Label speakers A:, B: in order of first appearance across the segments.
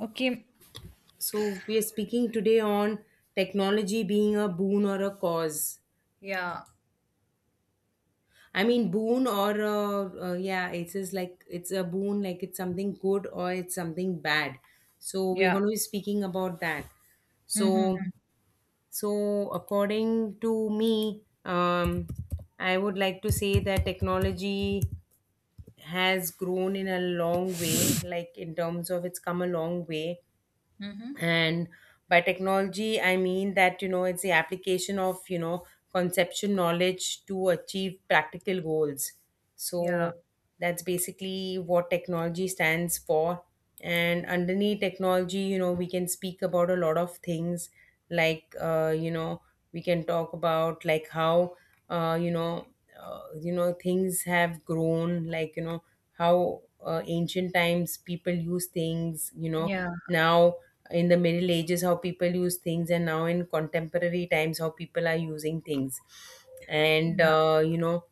A: Okay.
B: So we are speaking today on technology being a boon or a cause.
A: Yeah.
B: I mean, boon or a, yeah, it's just like it's a boon, like it's something good or it's something bad. So we're
A: Yeah.
B: going to be speaking about that. So,
A: Mm-hmm.
B: so, according to me, I would like to say that technology has grown in a long way, like in terms of it's come a long way,
A: Mm-hmm.
B: and by technology I mean that it's the application of conceptual knowledge to achieve practical goals.
A: Yeah.
B: So that's basically what technology stands for, and underneath technology you know we can speak about a lot of things. Like you know we can talk about like how uh, you know you know things have grown like you know how ancient times people use things, you know,
A: Yeah.
B: now, in the middle ages how people use things, and now in contemporary times how people are using things. And
A: Yeah.
B: you know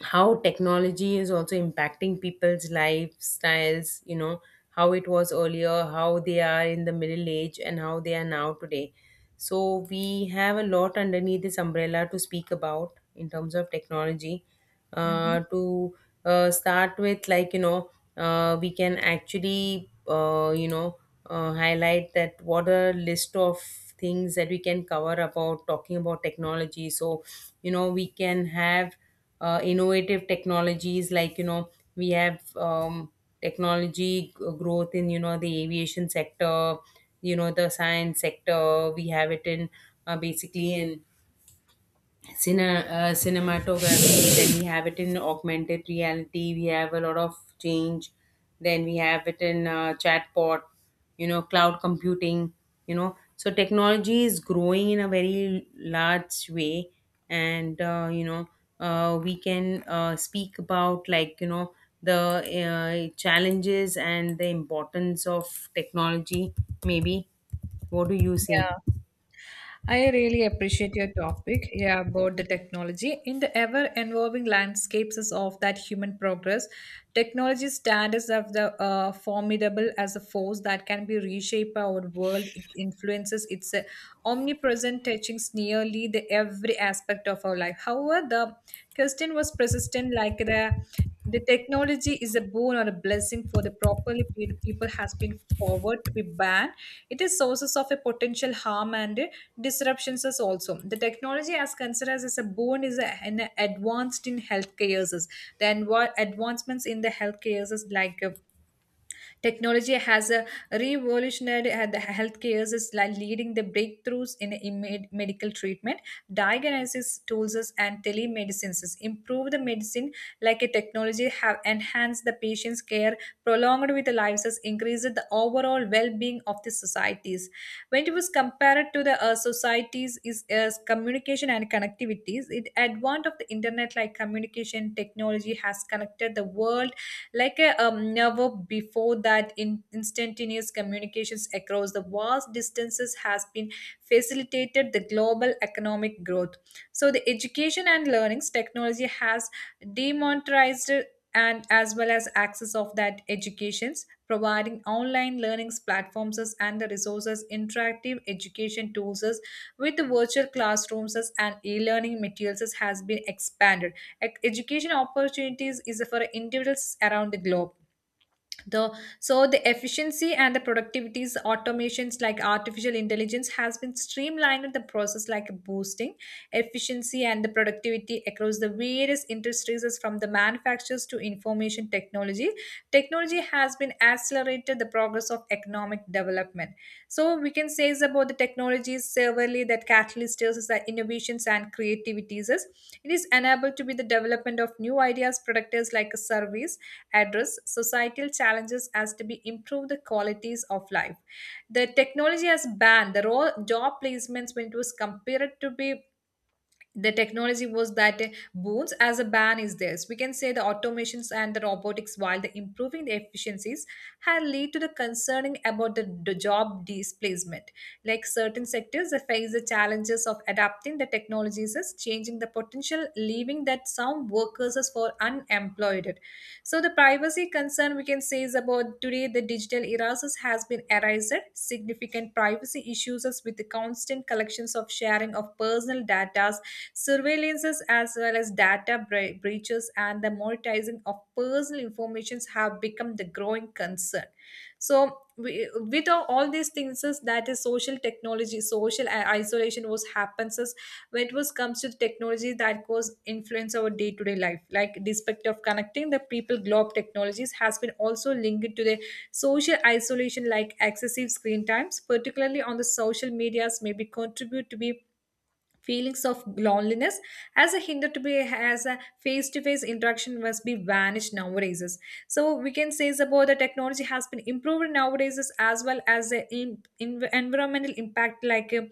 B: how technology is also impacting people's lifestyles, you know, how it was earlier, how they are in the middle age and how they are now today. So we have a lot underneath this umbrella to speak about in terms of technology.
A: Mm-hmm.
B: To start with, like you know, we can actually highlight that what a list of things that we can cover about talking about technology. So you know we can have innovative technologies, like you know we have, technology growth in, you know, the aviation sector, you know the science sector. We have it in basically in cine, cinematography. Then we have it in augmented reality, we have a lot of change. Then we have it in chatbot, you know, cloud computing. You know, so technology is growing in a very large way. And we can speak about like you know the challenges and the importance of technology, maybe. What do you say?
A: Yeah. I really appreciate your topic, yeah, about the technology. In the ever evolving landscapes of that human progress, technology stands as the formidable as a force that can be reshape our world. It influences its omnipresent touching nearly the every aspect of our life. However, the question was persistent like the technology is a boon or a blessing for the properly pe- people has been forward to be banned. It is sources of a potential harm and disruptions is also. The technology as considered as a boon is a- an advanced in healthcare uses. Then what advancements in the healthcare uses like technology has a revolutionary the healthcare is like leading the breakthroughs in imme- medical treatment, diagnosis tools is- and telemedicines is improve the medicine like a technology have enhanced the patient's care, prolonged with the lives has increased the overall well-being of the societies. When it was compared to the societies is as communication and connectivities, it advent of the internet like communication technology has connected the world like a never before that in instantaneous communications across the vast distances has been facilitated the global economic growth so the education and learnings technology has demonetized and as well as access of that educations providing online learnings platforms and the resources interactive education tools with virtual classrooms as- and e-learning materials as has been expanded. Ec- Education opportunities is for individuals around the globe the so the efficiency and the productivities automations like artificial intelligence has been streamlined the process like boosting efficiency and the productivity across the various industries is from the manufacturers to information technology technology has been accelerated the progress of economic development so we can say is about the technologies severely that catalysts is the innovations and creativities is it is enabled to be the development of new ideas products like a service address societal challenges as to be improve the qualities of life. The technology has banned the raw job placements when it was compared to be the technology was that boons as a ban is this we can say the automations and the robotics while the improving the efficiencies had led to the concerning about the job displacement like certain sectors they face the challenges of adapting the technologies as changing the potential leaving that some workers as for unemployed so the privacy concern we can say is about today the digital erases has been erased significant privacy issues as with the constant collections of sharing of personal data surveillances as well as data bre- breaches and the monetizing of personal informations have become the growing concern. So we, with all these things is that is social technology, social I- isolation was happens is when it was comes to the technology that was influence our day-to-day life. Like despite of connecting the people globe technologies has been also linked to the social isolation like excessive screen times, particularly on the social medias may be contribute to be feelings of loneliness as a hinder to be as a face-to-face interaction must be vanished nowadays so we can say is about the technology has been improved nowadays as well as the in- environmental impact like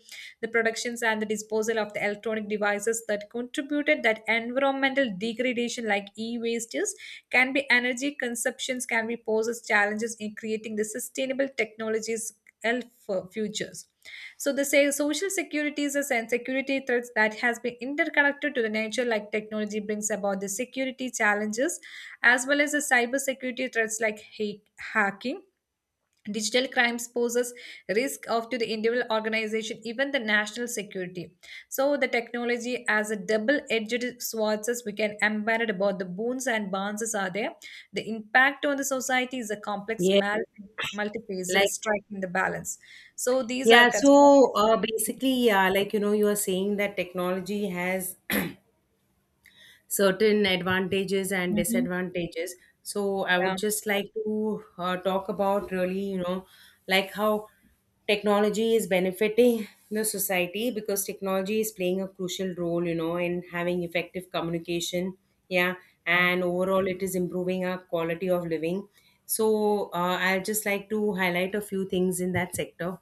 A: the productions and the disposal of the electronic devices that contributed that environmental degradation like e-wastes can be energy consumptions can be poses challenges in creating the sustainable technologies health futures. So the say social security is a sen- security threat that has been interconnected to the nature like technology brings about the security challenges as well as the cyber security threats like ha- hacking digital crimes poses risk of to the individual organization, even the national security. So the technology as a double-edged sword, as we can embed about the boons and bonds are there. The impact on the society is a complex
B: Yeah,
A: mal- multifaceted
B: like.
A: striking the balance. So these are
B: Yeah,
A: conservative.
B: so basically, yeah, like you know, you are saying that technology has certain advantages and
A: Mm-hmm.
B: disadvantages. So I
A: Yeah.
B: would just like to talk about really, you know, like how technology is benefiting the society, because technology is playing a crucial role, you know, in having effective communication. Yeah, and overall, it is improving our quality of living. So I'll just like to highlight a few things in that sector.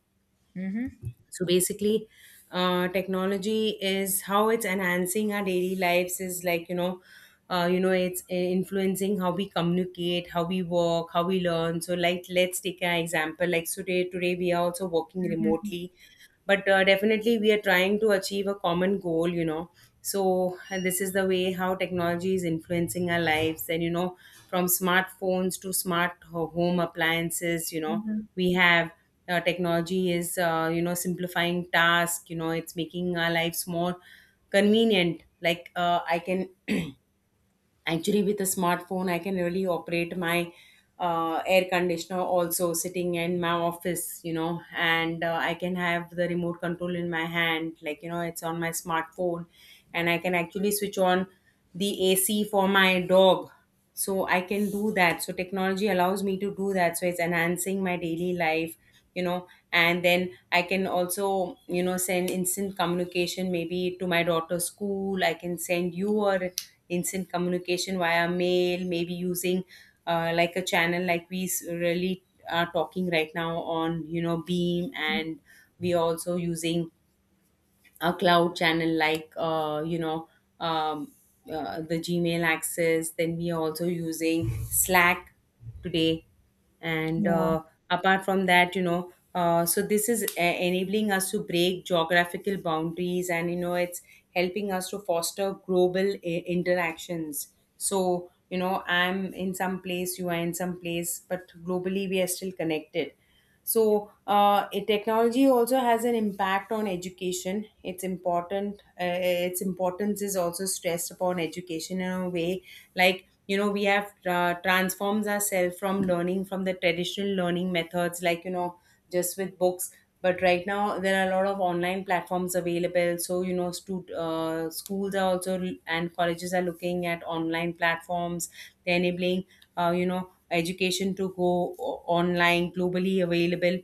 A: Mm-hmm.
B: So basically, technology is, how it's enhancing our daily lives is like, you know, it's influencing how we communicate, how we work, how we learn. So like, let's take an example. Like so today we are also working
A: Mm-hmm.
B: remotely, but definitely we are trying to achieve a common goal, you know. So and this is the way how technology is influencing our lives, and you know, from smartphones to smart home appliances, you know,
A: Hmm.
B: we have technology is you know simplifying tasks, you know, it's making our lives more convenient. Like I can actually, with a smartphone, I can really operate my air conditioner also, sitting in my office, you know. And I can have the remote control in my hand, like you know it's on my smartphone, and I can actually switch on the ac for my dog. So I can do that, so technology allows me to do that, so it's enhancing my daily life. You know, and then I can also, you know, send instant communication maybe to my daughter's school. I can send you a instant communication via mail, maybe using like a channel like we really are talking right now on, you know, beam. And we are also using a cloud channel like um, the gmail access. Then we are also using slack today. And
A: Yeah.
B: apart from that, you know, so this is enabling us to break geographical boundaries, and you know it's helping us to foster global interactions. So you know I'm in some place, you are in some place, but globally we are still connected. So, technology also has an impact on education. It's important. Its importance is also stressed upon education in a way, like you know, we have transforms ourselves from learning from the traditional learning methods, like you know, just with books. But right now, there are a lot of online platforms available. So you know, schools are also and colleges are looking at online platforms. They're enabling you know education to go online, globally available,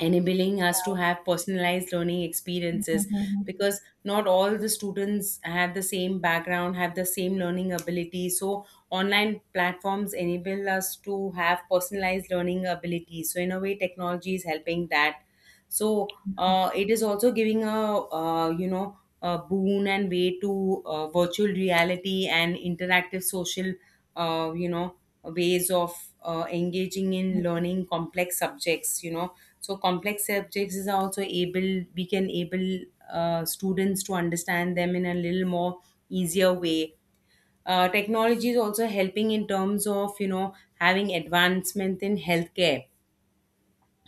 B: enabling us to have personalized learning experiences,
A: Mm-hmm.
B: because not all the students have the same background, have the same learning ability. So online platforms enable us to have personalized learning ability, so in a way technology is helping that. So it is also giving a a boon and way to virtual reality and interactive social uh, you know ways of engaging in learning complex subjects. You know, so complex subjects is also able, we can able students to understand them in a little more easier way. Technology is also helping in terms of, you know, having advancement in healthcare.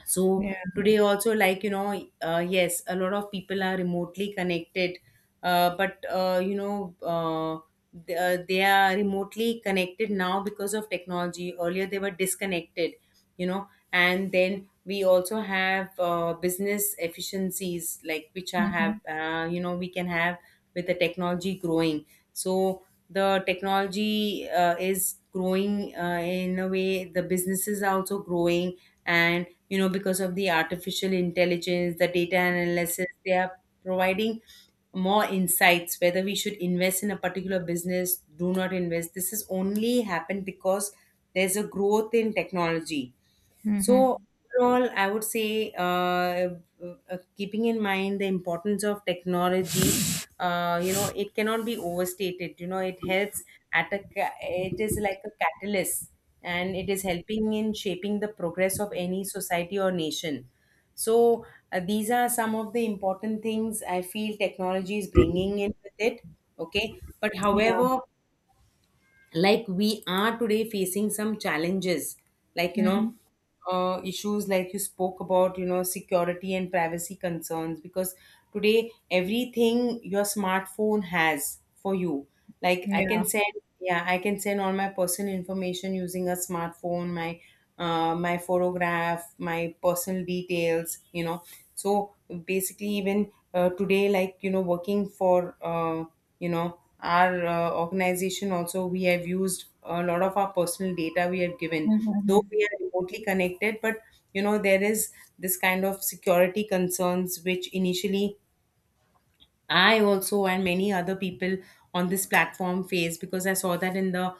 B: So
A: Yeah.
B: today also, like you know yes, a lot of people are remotely connected. But you know they are remotely connected now because of technology, earlier they were disconnected. You know, and then we also have business efficiencies, like which I have
A: Mm-hmm.
B: you know we can have, with the technology growing. So the technology is growing in a way, the businesses are also growing. And you know, because of the artificial intelligence, the data analysis, they are providing more insights, whether we should invest in a particular business, do not invest. This has only happened because there's a growth in technology.
A: Mm-hmm.
B: So overall, I would say, keeping in mind the importance of technology, you know, it cannot be overstated. You know, it helps at a it is like a catalyst, and it is helping in shaping the progress of any society or nation. So these are some of the important things I feel technology is bringing in with it. Okay, but
A: Yeah.
B: however, like we are today facing some challenges, like you know,
A: Mm-hmm.
B: issues like you spoke about, you know, security and privacy concerns, because today everything your smartphone has for you. Like I
A: Yeah.
B: can send, yeah, I can send all my personal information using a smartphone. My my photograph, my personal details, you know. So basically, even today, like, you know, working for, our organization also, we have used a lot of our personal data we have given, though
A: Mm-hmm.
B: we are remotely connected. But, you know, there is this kind of security concerns which initially I also and many other people on this platform face, because I saw that in the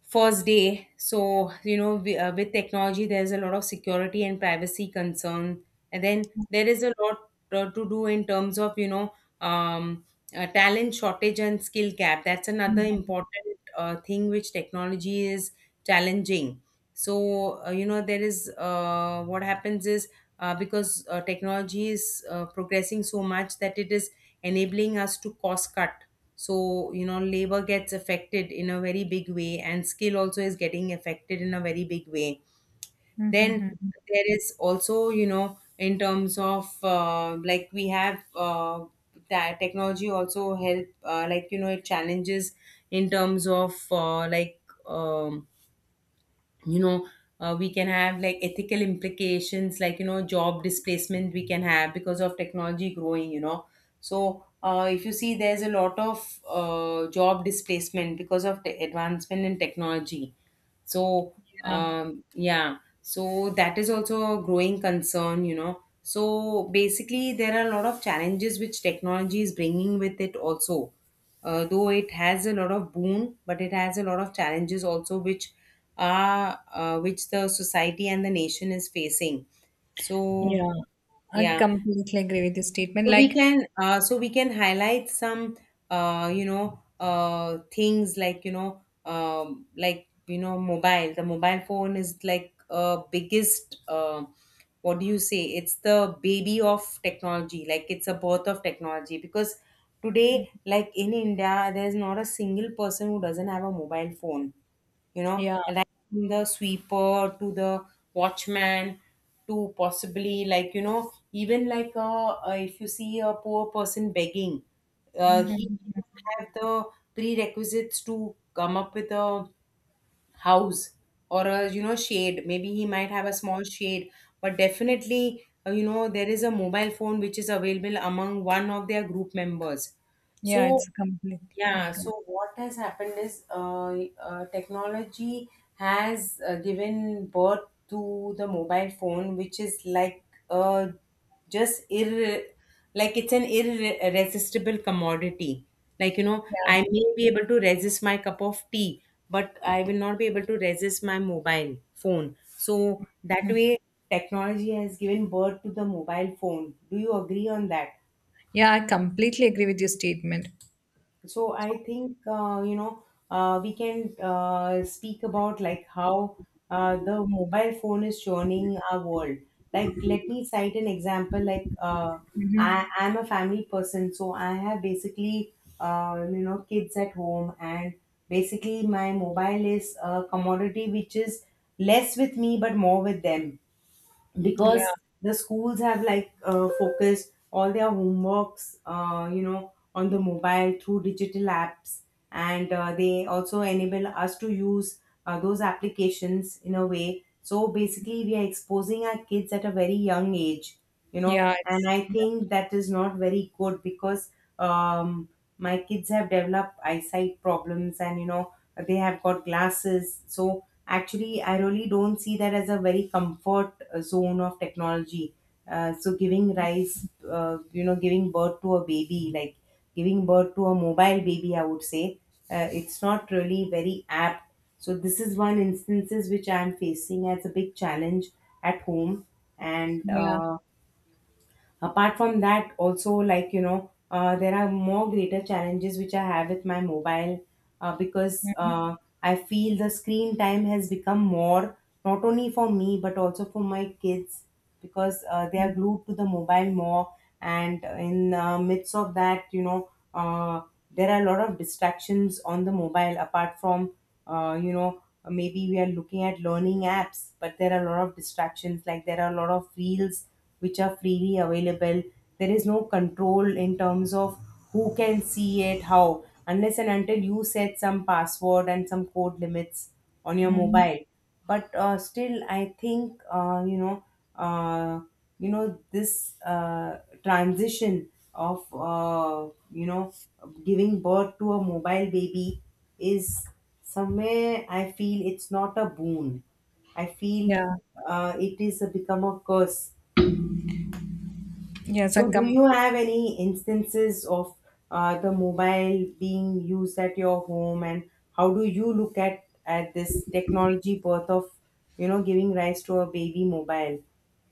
B: first day. So you know we, with technology there's a lot of security and privacy concern. And then there is a lot to do in terms of, you know, um, talent shortage and skill gap. That's another important thing which technology is challenging. So you know, there is, what happens is, because technology is progressing so much that it is enabling us to cost cut. So you know, labor gets affected in a very big way, and skill also is getting affected in a very big way. Then
A: Mhm.
B: there is also, you know, in terms of like we have that technology also help like you know it challenges in terms of like um, you know we can have like ethical implications, like you know, job displacement we can have, because of technology growing, you know. So if you see, there's a lot of job displacement because of the advancement in technology. So
A: Yeah.
B: yeah, so that is also a growing concern, you know. So basically there are a lot of challenges which technology is bringing with it also. Though it has a lot of boon, but it has a lot of challenges also which the society and the nation is facing. So
A: Yeah. I
B: yeah,
A: completely agree with your statement.
B: so we
A: Like,
B: can highlight some things like you know mobile. The mobile phone is like biggest. What do you say? It's the baby of technology. Like it's a birth of technology because
A: mm,
B: today, like in India, there's not a single person who doesn't have a mobile phone, you know,
A: yeah.
B: like from the sweeper to the watchman to possibly, like you know, even like if you see a poor person begging, he
A: Mhm.
B: have the prerequisites to come up with a house or a, you know, shade. Maybe he might have a small shade, but definitely you know, there is a mobile phone which is available among one of their group members.
A: Yeah,
B: So
A: it's completely
B: yeah,
A: agree.
B: so what has happened is technology has given birth to the mobile phone, which is like uh, just ir like it's an irresistible commodity. Like, you know, I
A: Yeah.
B: may be able to resist my cup of tea, but I will not be able to resist my mobile phone. So that way, technology has given birth to the mobile phone. Do you agree on that?
A: Yeah, I completely agree with your statement.
B: So I think, you know, we can speak about like how the mobile phone is churning our world. Like, let me cite an example. Like I
A: Mhm.
B: am a family person, so I have basically you know, kids at home, and basically my mobile is a commodity which is less with me but more with them,
A: Yeah.
B: because the schools have like focused all their homeworks, you know, on the mobile through digital apps. And they also enable us to use those applications in a way, so basically we are exposing our kids at a very young age, you know.
A: Yeah, it's
B: And I
A: yeah.
B: think that is not very good because, um, my kids have developed eyesight problems, and you know, they have got glasses. So actually I really don't see that as a very comfort zone of technology. So giving rise, you know, giving birth to a baby, like giving birth to a mobile baby, I would say it's not really very apt. So this is one instances which I am facing as a big challenge at home. And
A: Yeah.
B: apart from that also, like you know, there are more greater challenges which I have with my mobile, because
A: Mhm.
B: I feel the screen time has become more, not only for me but also for my kids, because they are glued to the mobile more. And in midst of that, you know, there are a lot of distractions on the mobile, apart from, you know, maybe we are looking at learning apps, but there are a lot of distractions, like there are a lot of reels which are freely available. There is no control in terms of who can see it how, unless and until you set some password and some code limits on your
A: Mhm.
B: mobile. But still I think, you know, uh, you know, this transition of you know, giving birth to a mobile baby is somewhere I feel it's not a boon. I feel
A: Yeah.
B: it is a, become a curse.
A: Yes, I
B: So, do you
A: completely
B: have any instances of the mobile being used at your home, and how do you look at this technology birth of, you know, giving rise to a baby mobile?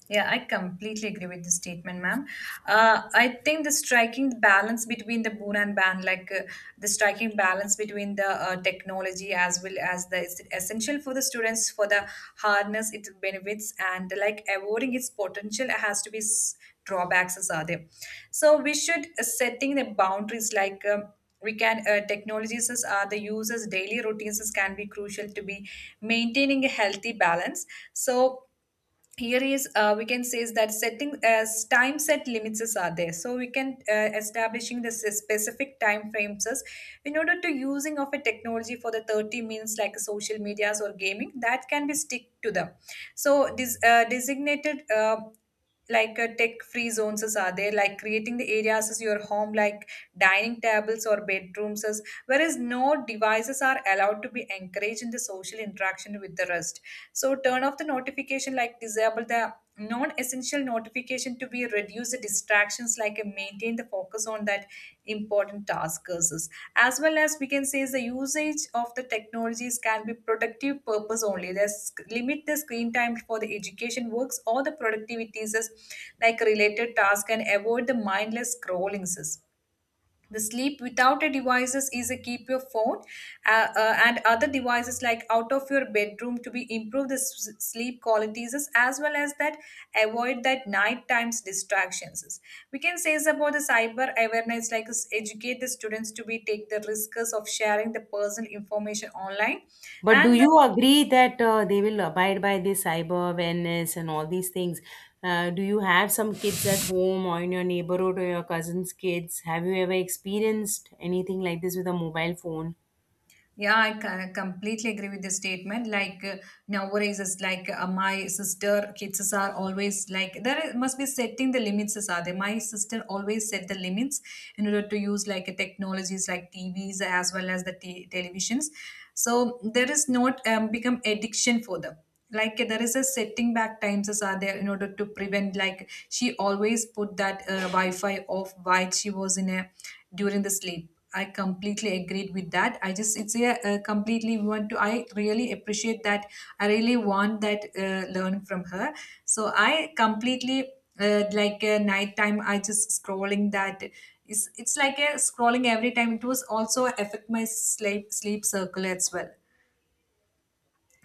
A: yeah, I completely agree with this statement, ma'am. I think the striking balance between the boon and ban, like the striking balance between the technology as well as the is essential for the students for the harness it benefits and like avoiding its potential has to be s- drawbacks as are there. So we should setting the boundaries like. We can technologies as are the users daily routines as can be crucial to be maintaining a healthy balance so here is we can say is that setting as time set limits is are there so we can establishing the s- specific time frames as in order to using of a technology for the 30 minutes like social medias or gaming that can be stick to them so this designated like tech free zones as are there like creating the areas as your home like dining tables or bedrooms as whereas no devices are allowed to be encouraged in the social interaction with the rest so turn off the notification like disable the non-essential notification to be reduce the distractions like and maintain the focus on that important task versus as well as we can say is the usage of the technologies can be productive purpose only there's limit the screen time for the education works or the productivities as like related task and avoid the mindless scrollings. The sleep without a devices is a keep your phone and other devices like out of your bedroom to be improve the s- sleep qualities is- as well as that avoid that night times distractions. Is. We can say is about the cyber awareness like is educate the students to be take the risks of sharing the personal information online
B: But do
A: and
B: you agree that they will abide by this cyber awareness and all these things? Do you have some kids at home or in your neighborhood or your cousin's kids? Have you ever experienced anything like this with a mobile phone?
A: yeah, I ca- completely agree with the statement. Like nowadays, it's like my sister kids are always like there is- must be setting the limits as are they. My sister always set the limits in order to use like technologies like TVs as well as the t- televisions. So there is not become addiction for them. Like there is a setting back times as are there in order to prevent. Like she always put that Wi-Fi off while she was in a during the sleep. I completely agreed with that. I just it's a, completely want to. I really appreciate that. I really want that learn from her. So I completely like nighttime. I just scrolling that. It's like a scrolling every time. It was also affect my sleep circle as well.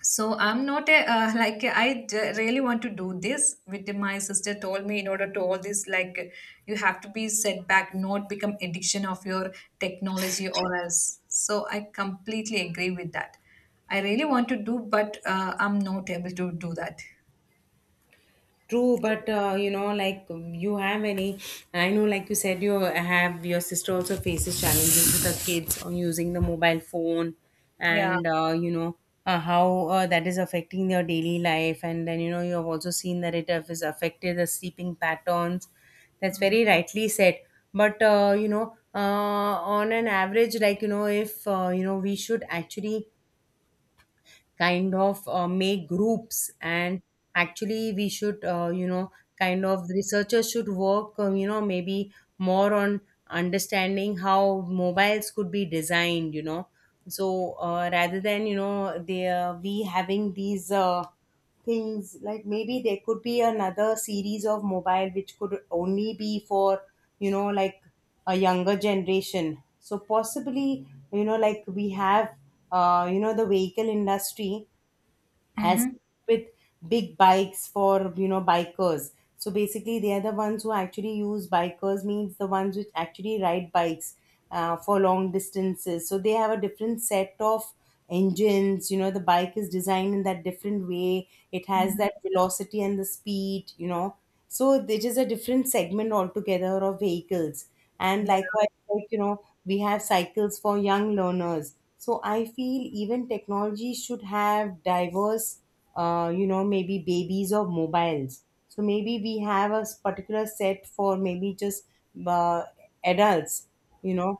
A: So I'm not a, like I d- really want to do this. With my sister told me in order to all this like you have to be set back, not become addiction of your technology or else. So I completely agree with that. I really want to do, but I'm not able to do that.
B: True, but you know, like you have any, I know, like you said, you have your sister also faces challenges with her kids on using the mobile phone,
A: Yeah.
B: and you know, how that is affecting their daily life, and then you know you have also seen that it has affected the sleeping patterns. That's very rightly said. But you know, on an average, like you know, if you know, we should actually kind of make groups, and actually we should, you know, kind of researchers should work, you know, maybe more on understanding how mobiles could be designed, you know. So rather than, you know, they we having these things, like maybe there could be another series of mobile which could only be for, you know, like a younger generation. So possibly, you know, like we have you know, the vehicle industry has
A: Mm-hmm.
B: with big bikes for, you know, bikers. So basically they are the ones who actually use, bikers means the ones which actually ride bikes for long distances, so they have a different set of engines. You know, the bike is designed in that different way, it has that velocity and the speed, you know. So it is a different segment altogether of vehicles. And
A: Yeah.
B: likewise, like you know, we have cycles for young learners, so I feel even technology should have diverse you know, maybe babies or mobiles. So maybe we have a particular set for maybe just uh, adults, you know.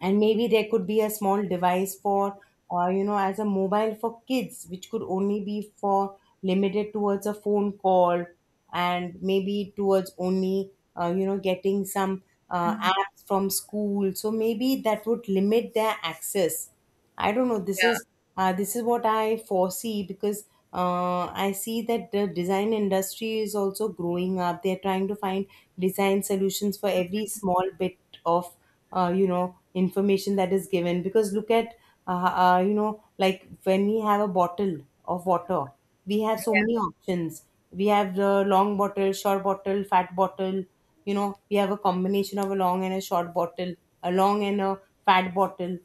B: And maybe there could be a small device for, you know, as a mobile for kids, which could only be for, limited towards a phone call, and maybe towards only, you know, getting some apps from school. So maybe that would limit their access. I don't know.
A: Yeah.
B: This is what I foresee, because I see that the design industry is also growing up. They're trying to find design solutions for every small bit of you know, information that is given. Because look at uh, you know, like when we have a bottle of water, we have so many options. We have the long bottle, short bottle, fat bottle. You know, we have a combination of a long and a short bottle, a long and a fat bottle.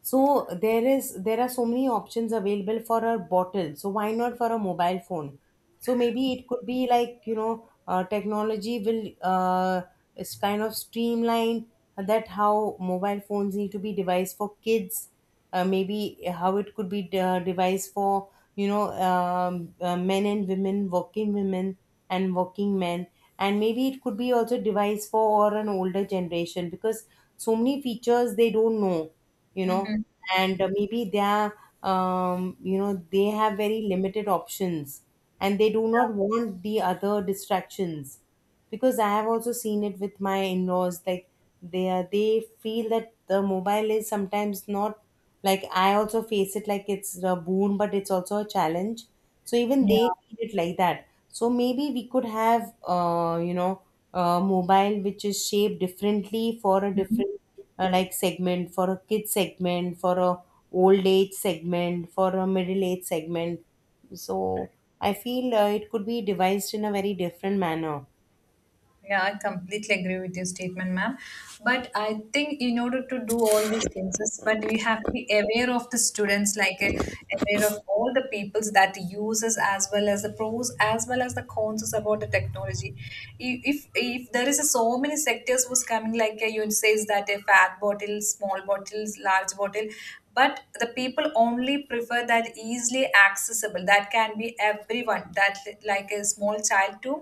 B: So there are so many options available for a bottle, so why not for a mobile phone? So maybe it could be like, you know, technology will is kind of streamline that how mobile phones need to be devised for kids, maybe how it could be devised for, you know, men and women, working women and working men. And maybe it could be also devised for or an older generation, because so many features they don't know, you know.
A: Mm-hmm.
B: And maybe they are, you know, they have very limited options, and they do not want the other distractions, because I have also seen it with my in-laws. Like they are, they feel that the mobile is sometimes not, like I also face it, like it's a boon, but it's also a challenge. So even they
A: Yeah.
B: feel it like that. So maybe we could have you know, a mobile which is shaped differently for a different like segment for a kid, segment for a old age, segment for a middle age segment. So I feel it could be devised in a very different manner.
A: Yeah, I completely agree with your statement, ma'am. But I think in order to do all these things, is- but we have to be aware of the students, like aware of all the peoples that uses as well as the pros as well as the cons is about the technology. I- If there is a, so many sectors was coming, like you says that a fat bottle, small bottles, large bottle but the people only prefer that easily accessible that can be everyone that li- like a small child to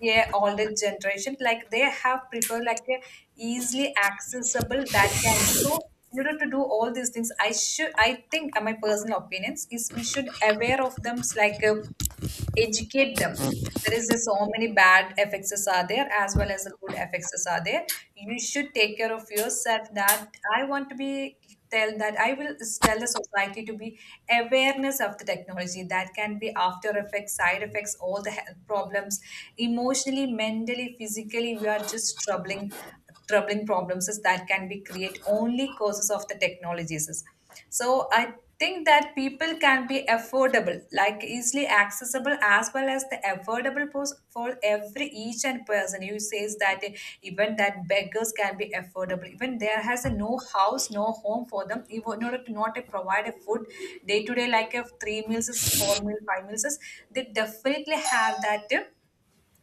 A: yeah older generation like they have preferred like a easily accessible that can be so in order to do all these things I should I think my personal opinions is we should aware of them like educate them there is a, so many bad fxs are there as well as the good fxs are there you should take care of yourself that I want to be tell that I will tell the society to be awareness of the technology that can be after effects side effects all the health problems emotionally mentally physically we are just troubling problems is that can be create only causes of the technologies so I think that people can be affordable, like easily accessible, as well as the affordable pos- for every each and person. You says that even that beggars can be affordable. Even there has a no house, no home for them. Even in order to not to provide a food day to day, like a three meals is four meal, five meals is they definitely have that.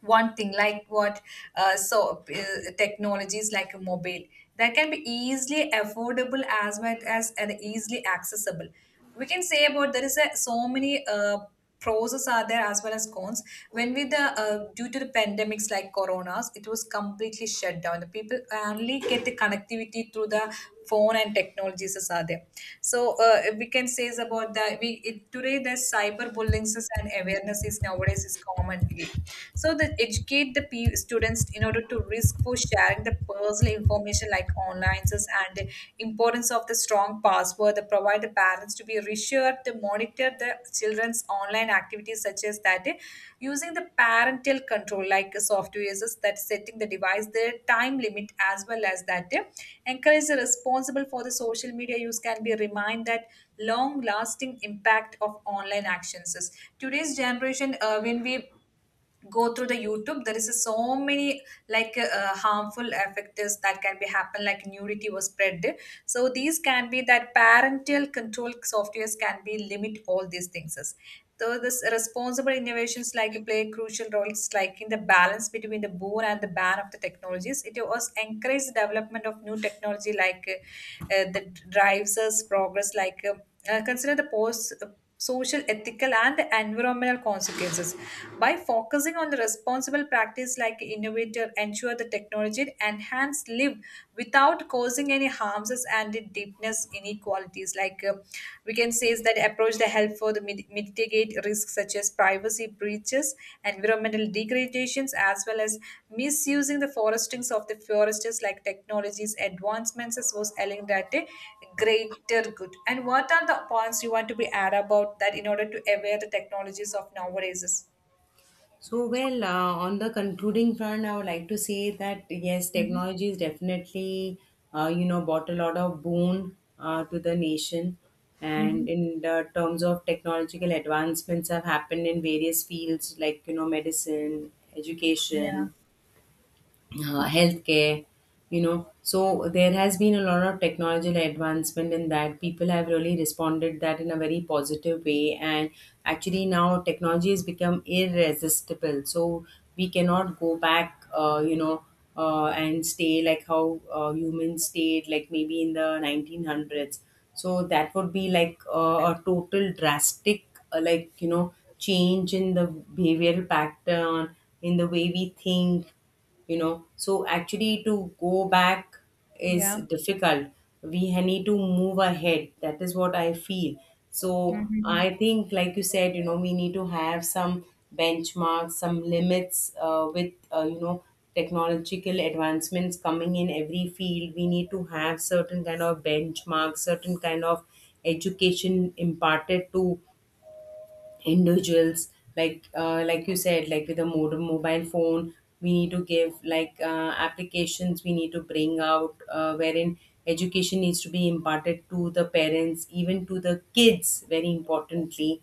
A: One thing like what so technologies like a mobile that can be easily affordable as well as and easily accessible we can say about there is a, so many pros are there as well as cons when with the due to the pandemics like coronas it was completely shut down the people only get the connectivity through the phone and technologies as are there so we can say is about that we it, today the cyber bullying and awareness is nowadays is commonly so the educate the pe- students in order to risk for sharing the personal information like online and the importance of the strong password the provide the parents to be reassured monitor the children's online activities such as that using the parental control like software is that setting the device their time limit as well as that encourage the responsible for the social media use can be remind that long lasting impact of online actions is. Today's generation when we go through the youtube there is so many like harmful effects that can be happen like nudity was spread so these can be that parental control softwares can be limit all these things so this responsible innovations like play crucial roles like in the balance between the boon and the ban of the technologies it was encourage development of new technology like that drives us progress like consider the post social ethical and environmental consequences by focusing on the responsible practice like innovator ensure the technology enhance live without causing any harms and the deepness inequalities like we can say is that approach the help for the mid- mitigate risks such as privacy breaches, environmental degradations, as well as misusing the forestings of the foresters like technologies advancements as was telling that a greater good. And what are the points you want to be add about that in order to aware the technologies of nowadays?
B: So, well, on the concluding front, I would like to say that yes,
A: Mm-hmm.
B: technology is definitely, you know, brought a lot of boon to the nation.
A: Mm-hmm.
B: And in the terms of technological advancements have happened in various fields like, you know, medicine,
A: Yeah.
B: education, healthcare, you know. So there has been a lot of technological advancement in that. People have really responded that in a very positive way, and actually now technology has become irresistible. So we cannot go back, you know, and stay like how humans stayed, like maybe in the 1900s. So that would be like a total drastic like you know, change in the behavioral pattern, in the way we think, you know. So actually to go back is
A: Yeah.
B: difficult. We need to move ahead, that is what I feel. So
A: Mm-hmm.
B: I think, like you said, you know, we need to have some benchmarks, some limits, with you know, technological advancements coming in every field, we need to have certain kind of benchmarks, certain kind of education imparted to individuals. Like like you said, like with a modern mobile phone, we need to give like applications, we need to bring out wherein education needs to be imparted to the parents, even to the kids, very importantly.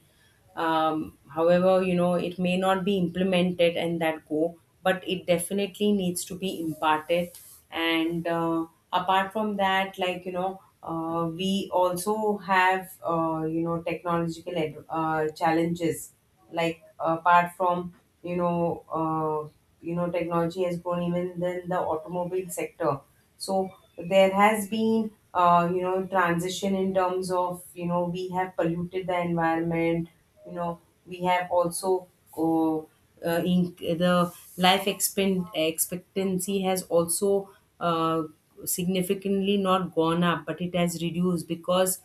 B: Um, however, you know, it may not be implemented and that go, but it definitely needs to be imparted. And apart from that, like you know, we also have you know, technological challenges, like apart from, you know, you know, technology has grown even in the automobile sector. So there has been you know, transition in terms of, you know, we have polluted the environment, you know. We have also, uh, in the life expectancy has also uh, significantly not gone up but it has reduced, because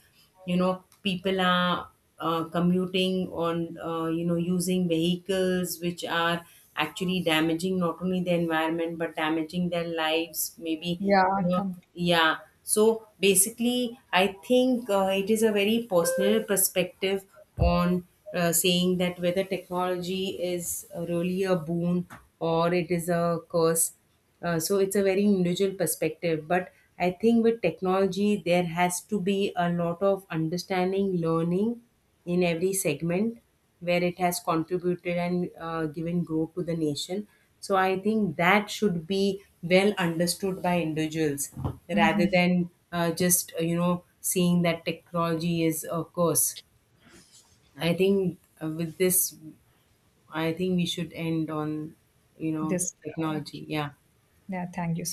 B: you know, people are commuting on, you know, using vehicles which are actually damaging not only the environment but damaging their lives, maybe, you
A: Yeah.
B: know.
A: Come.
B: Yeah, so basically I think it is a very personal perspective on saying that whether technology is really a boon or it is a curse. So it's a very individual perspective. But I think with technology, there has to be a lot of understanding, learning in every segment where it has contributed and given growth to the nation. So I think that should be well understood by individuals, rather than just, you know, seeing that technology is a curse. I think with this, I think we should end on, you know,
A: This. Okay.
B: technology. Yeah.
A: Yeah. Thank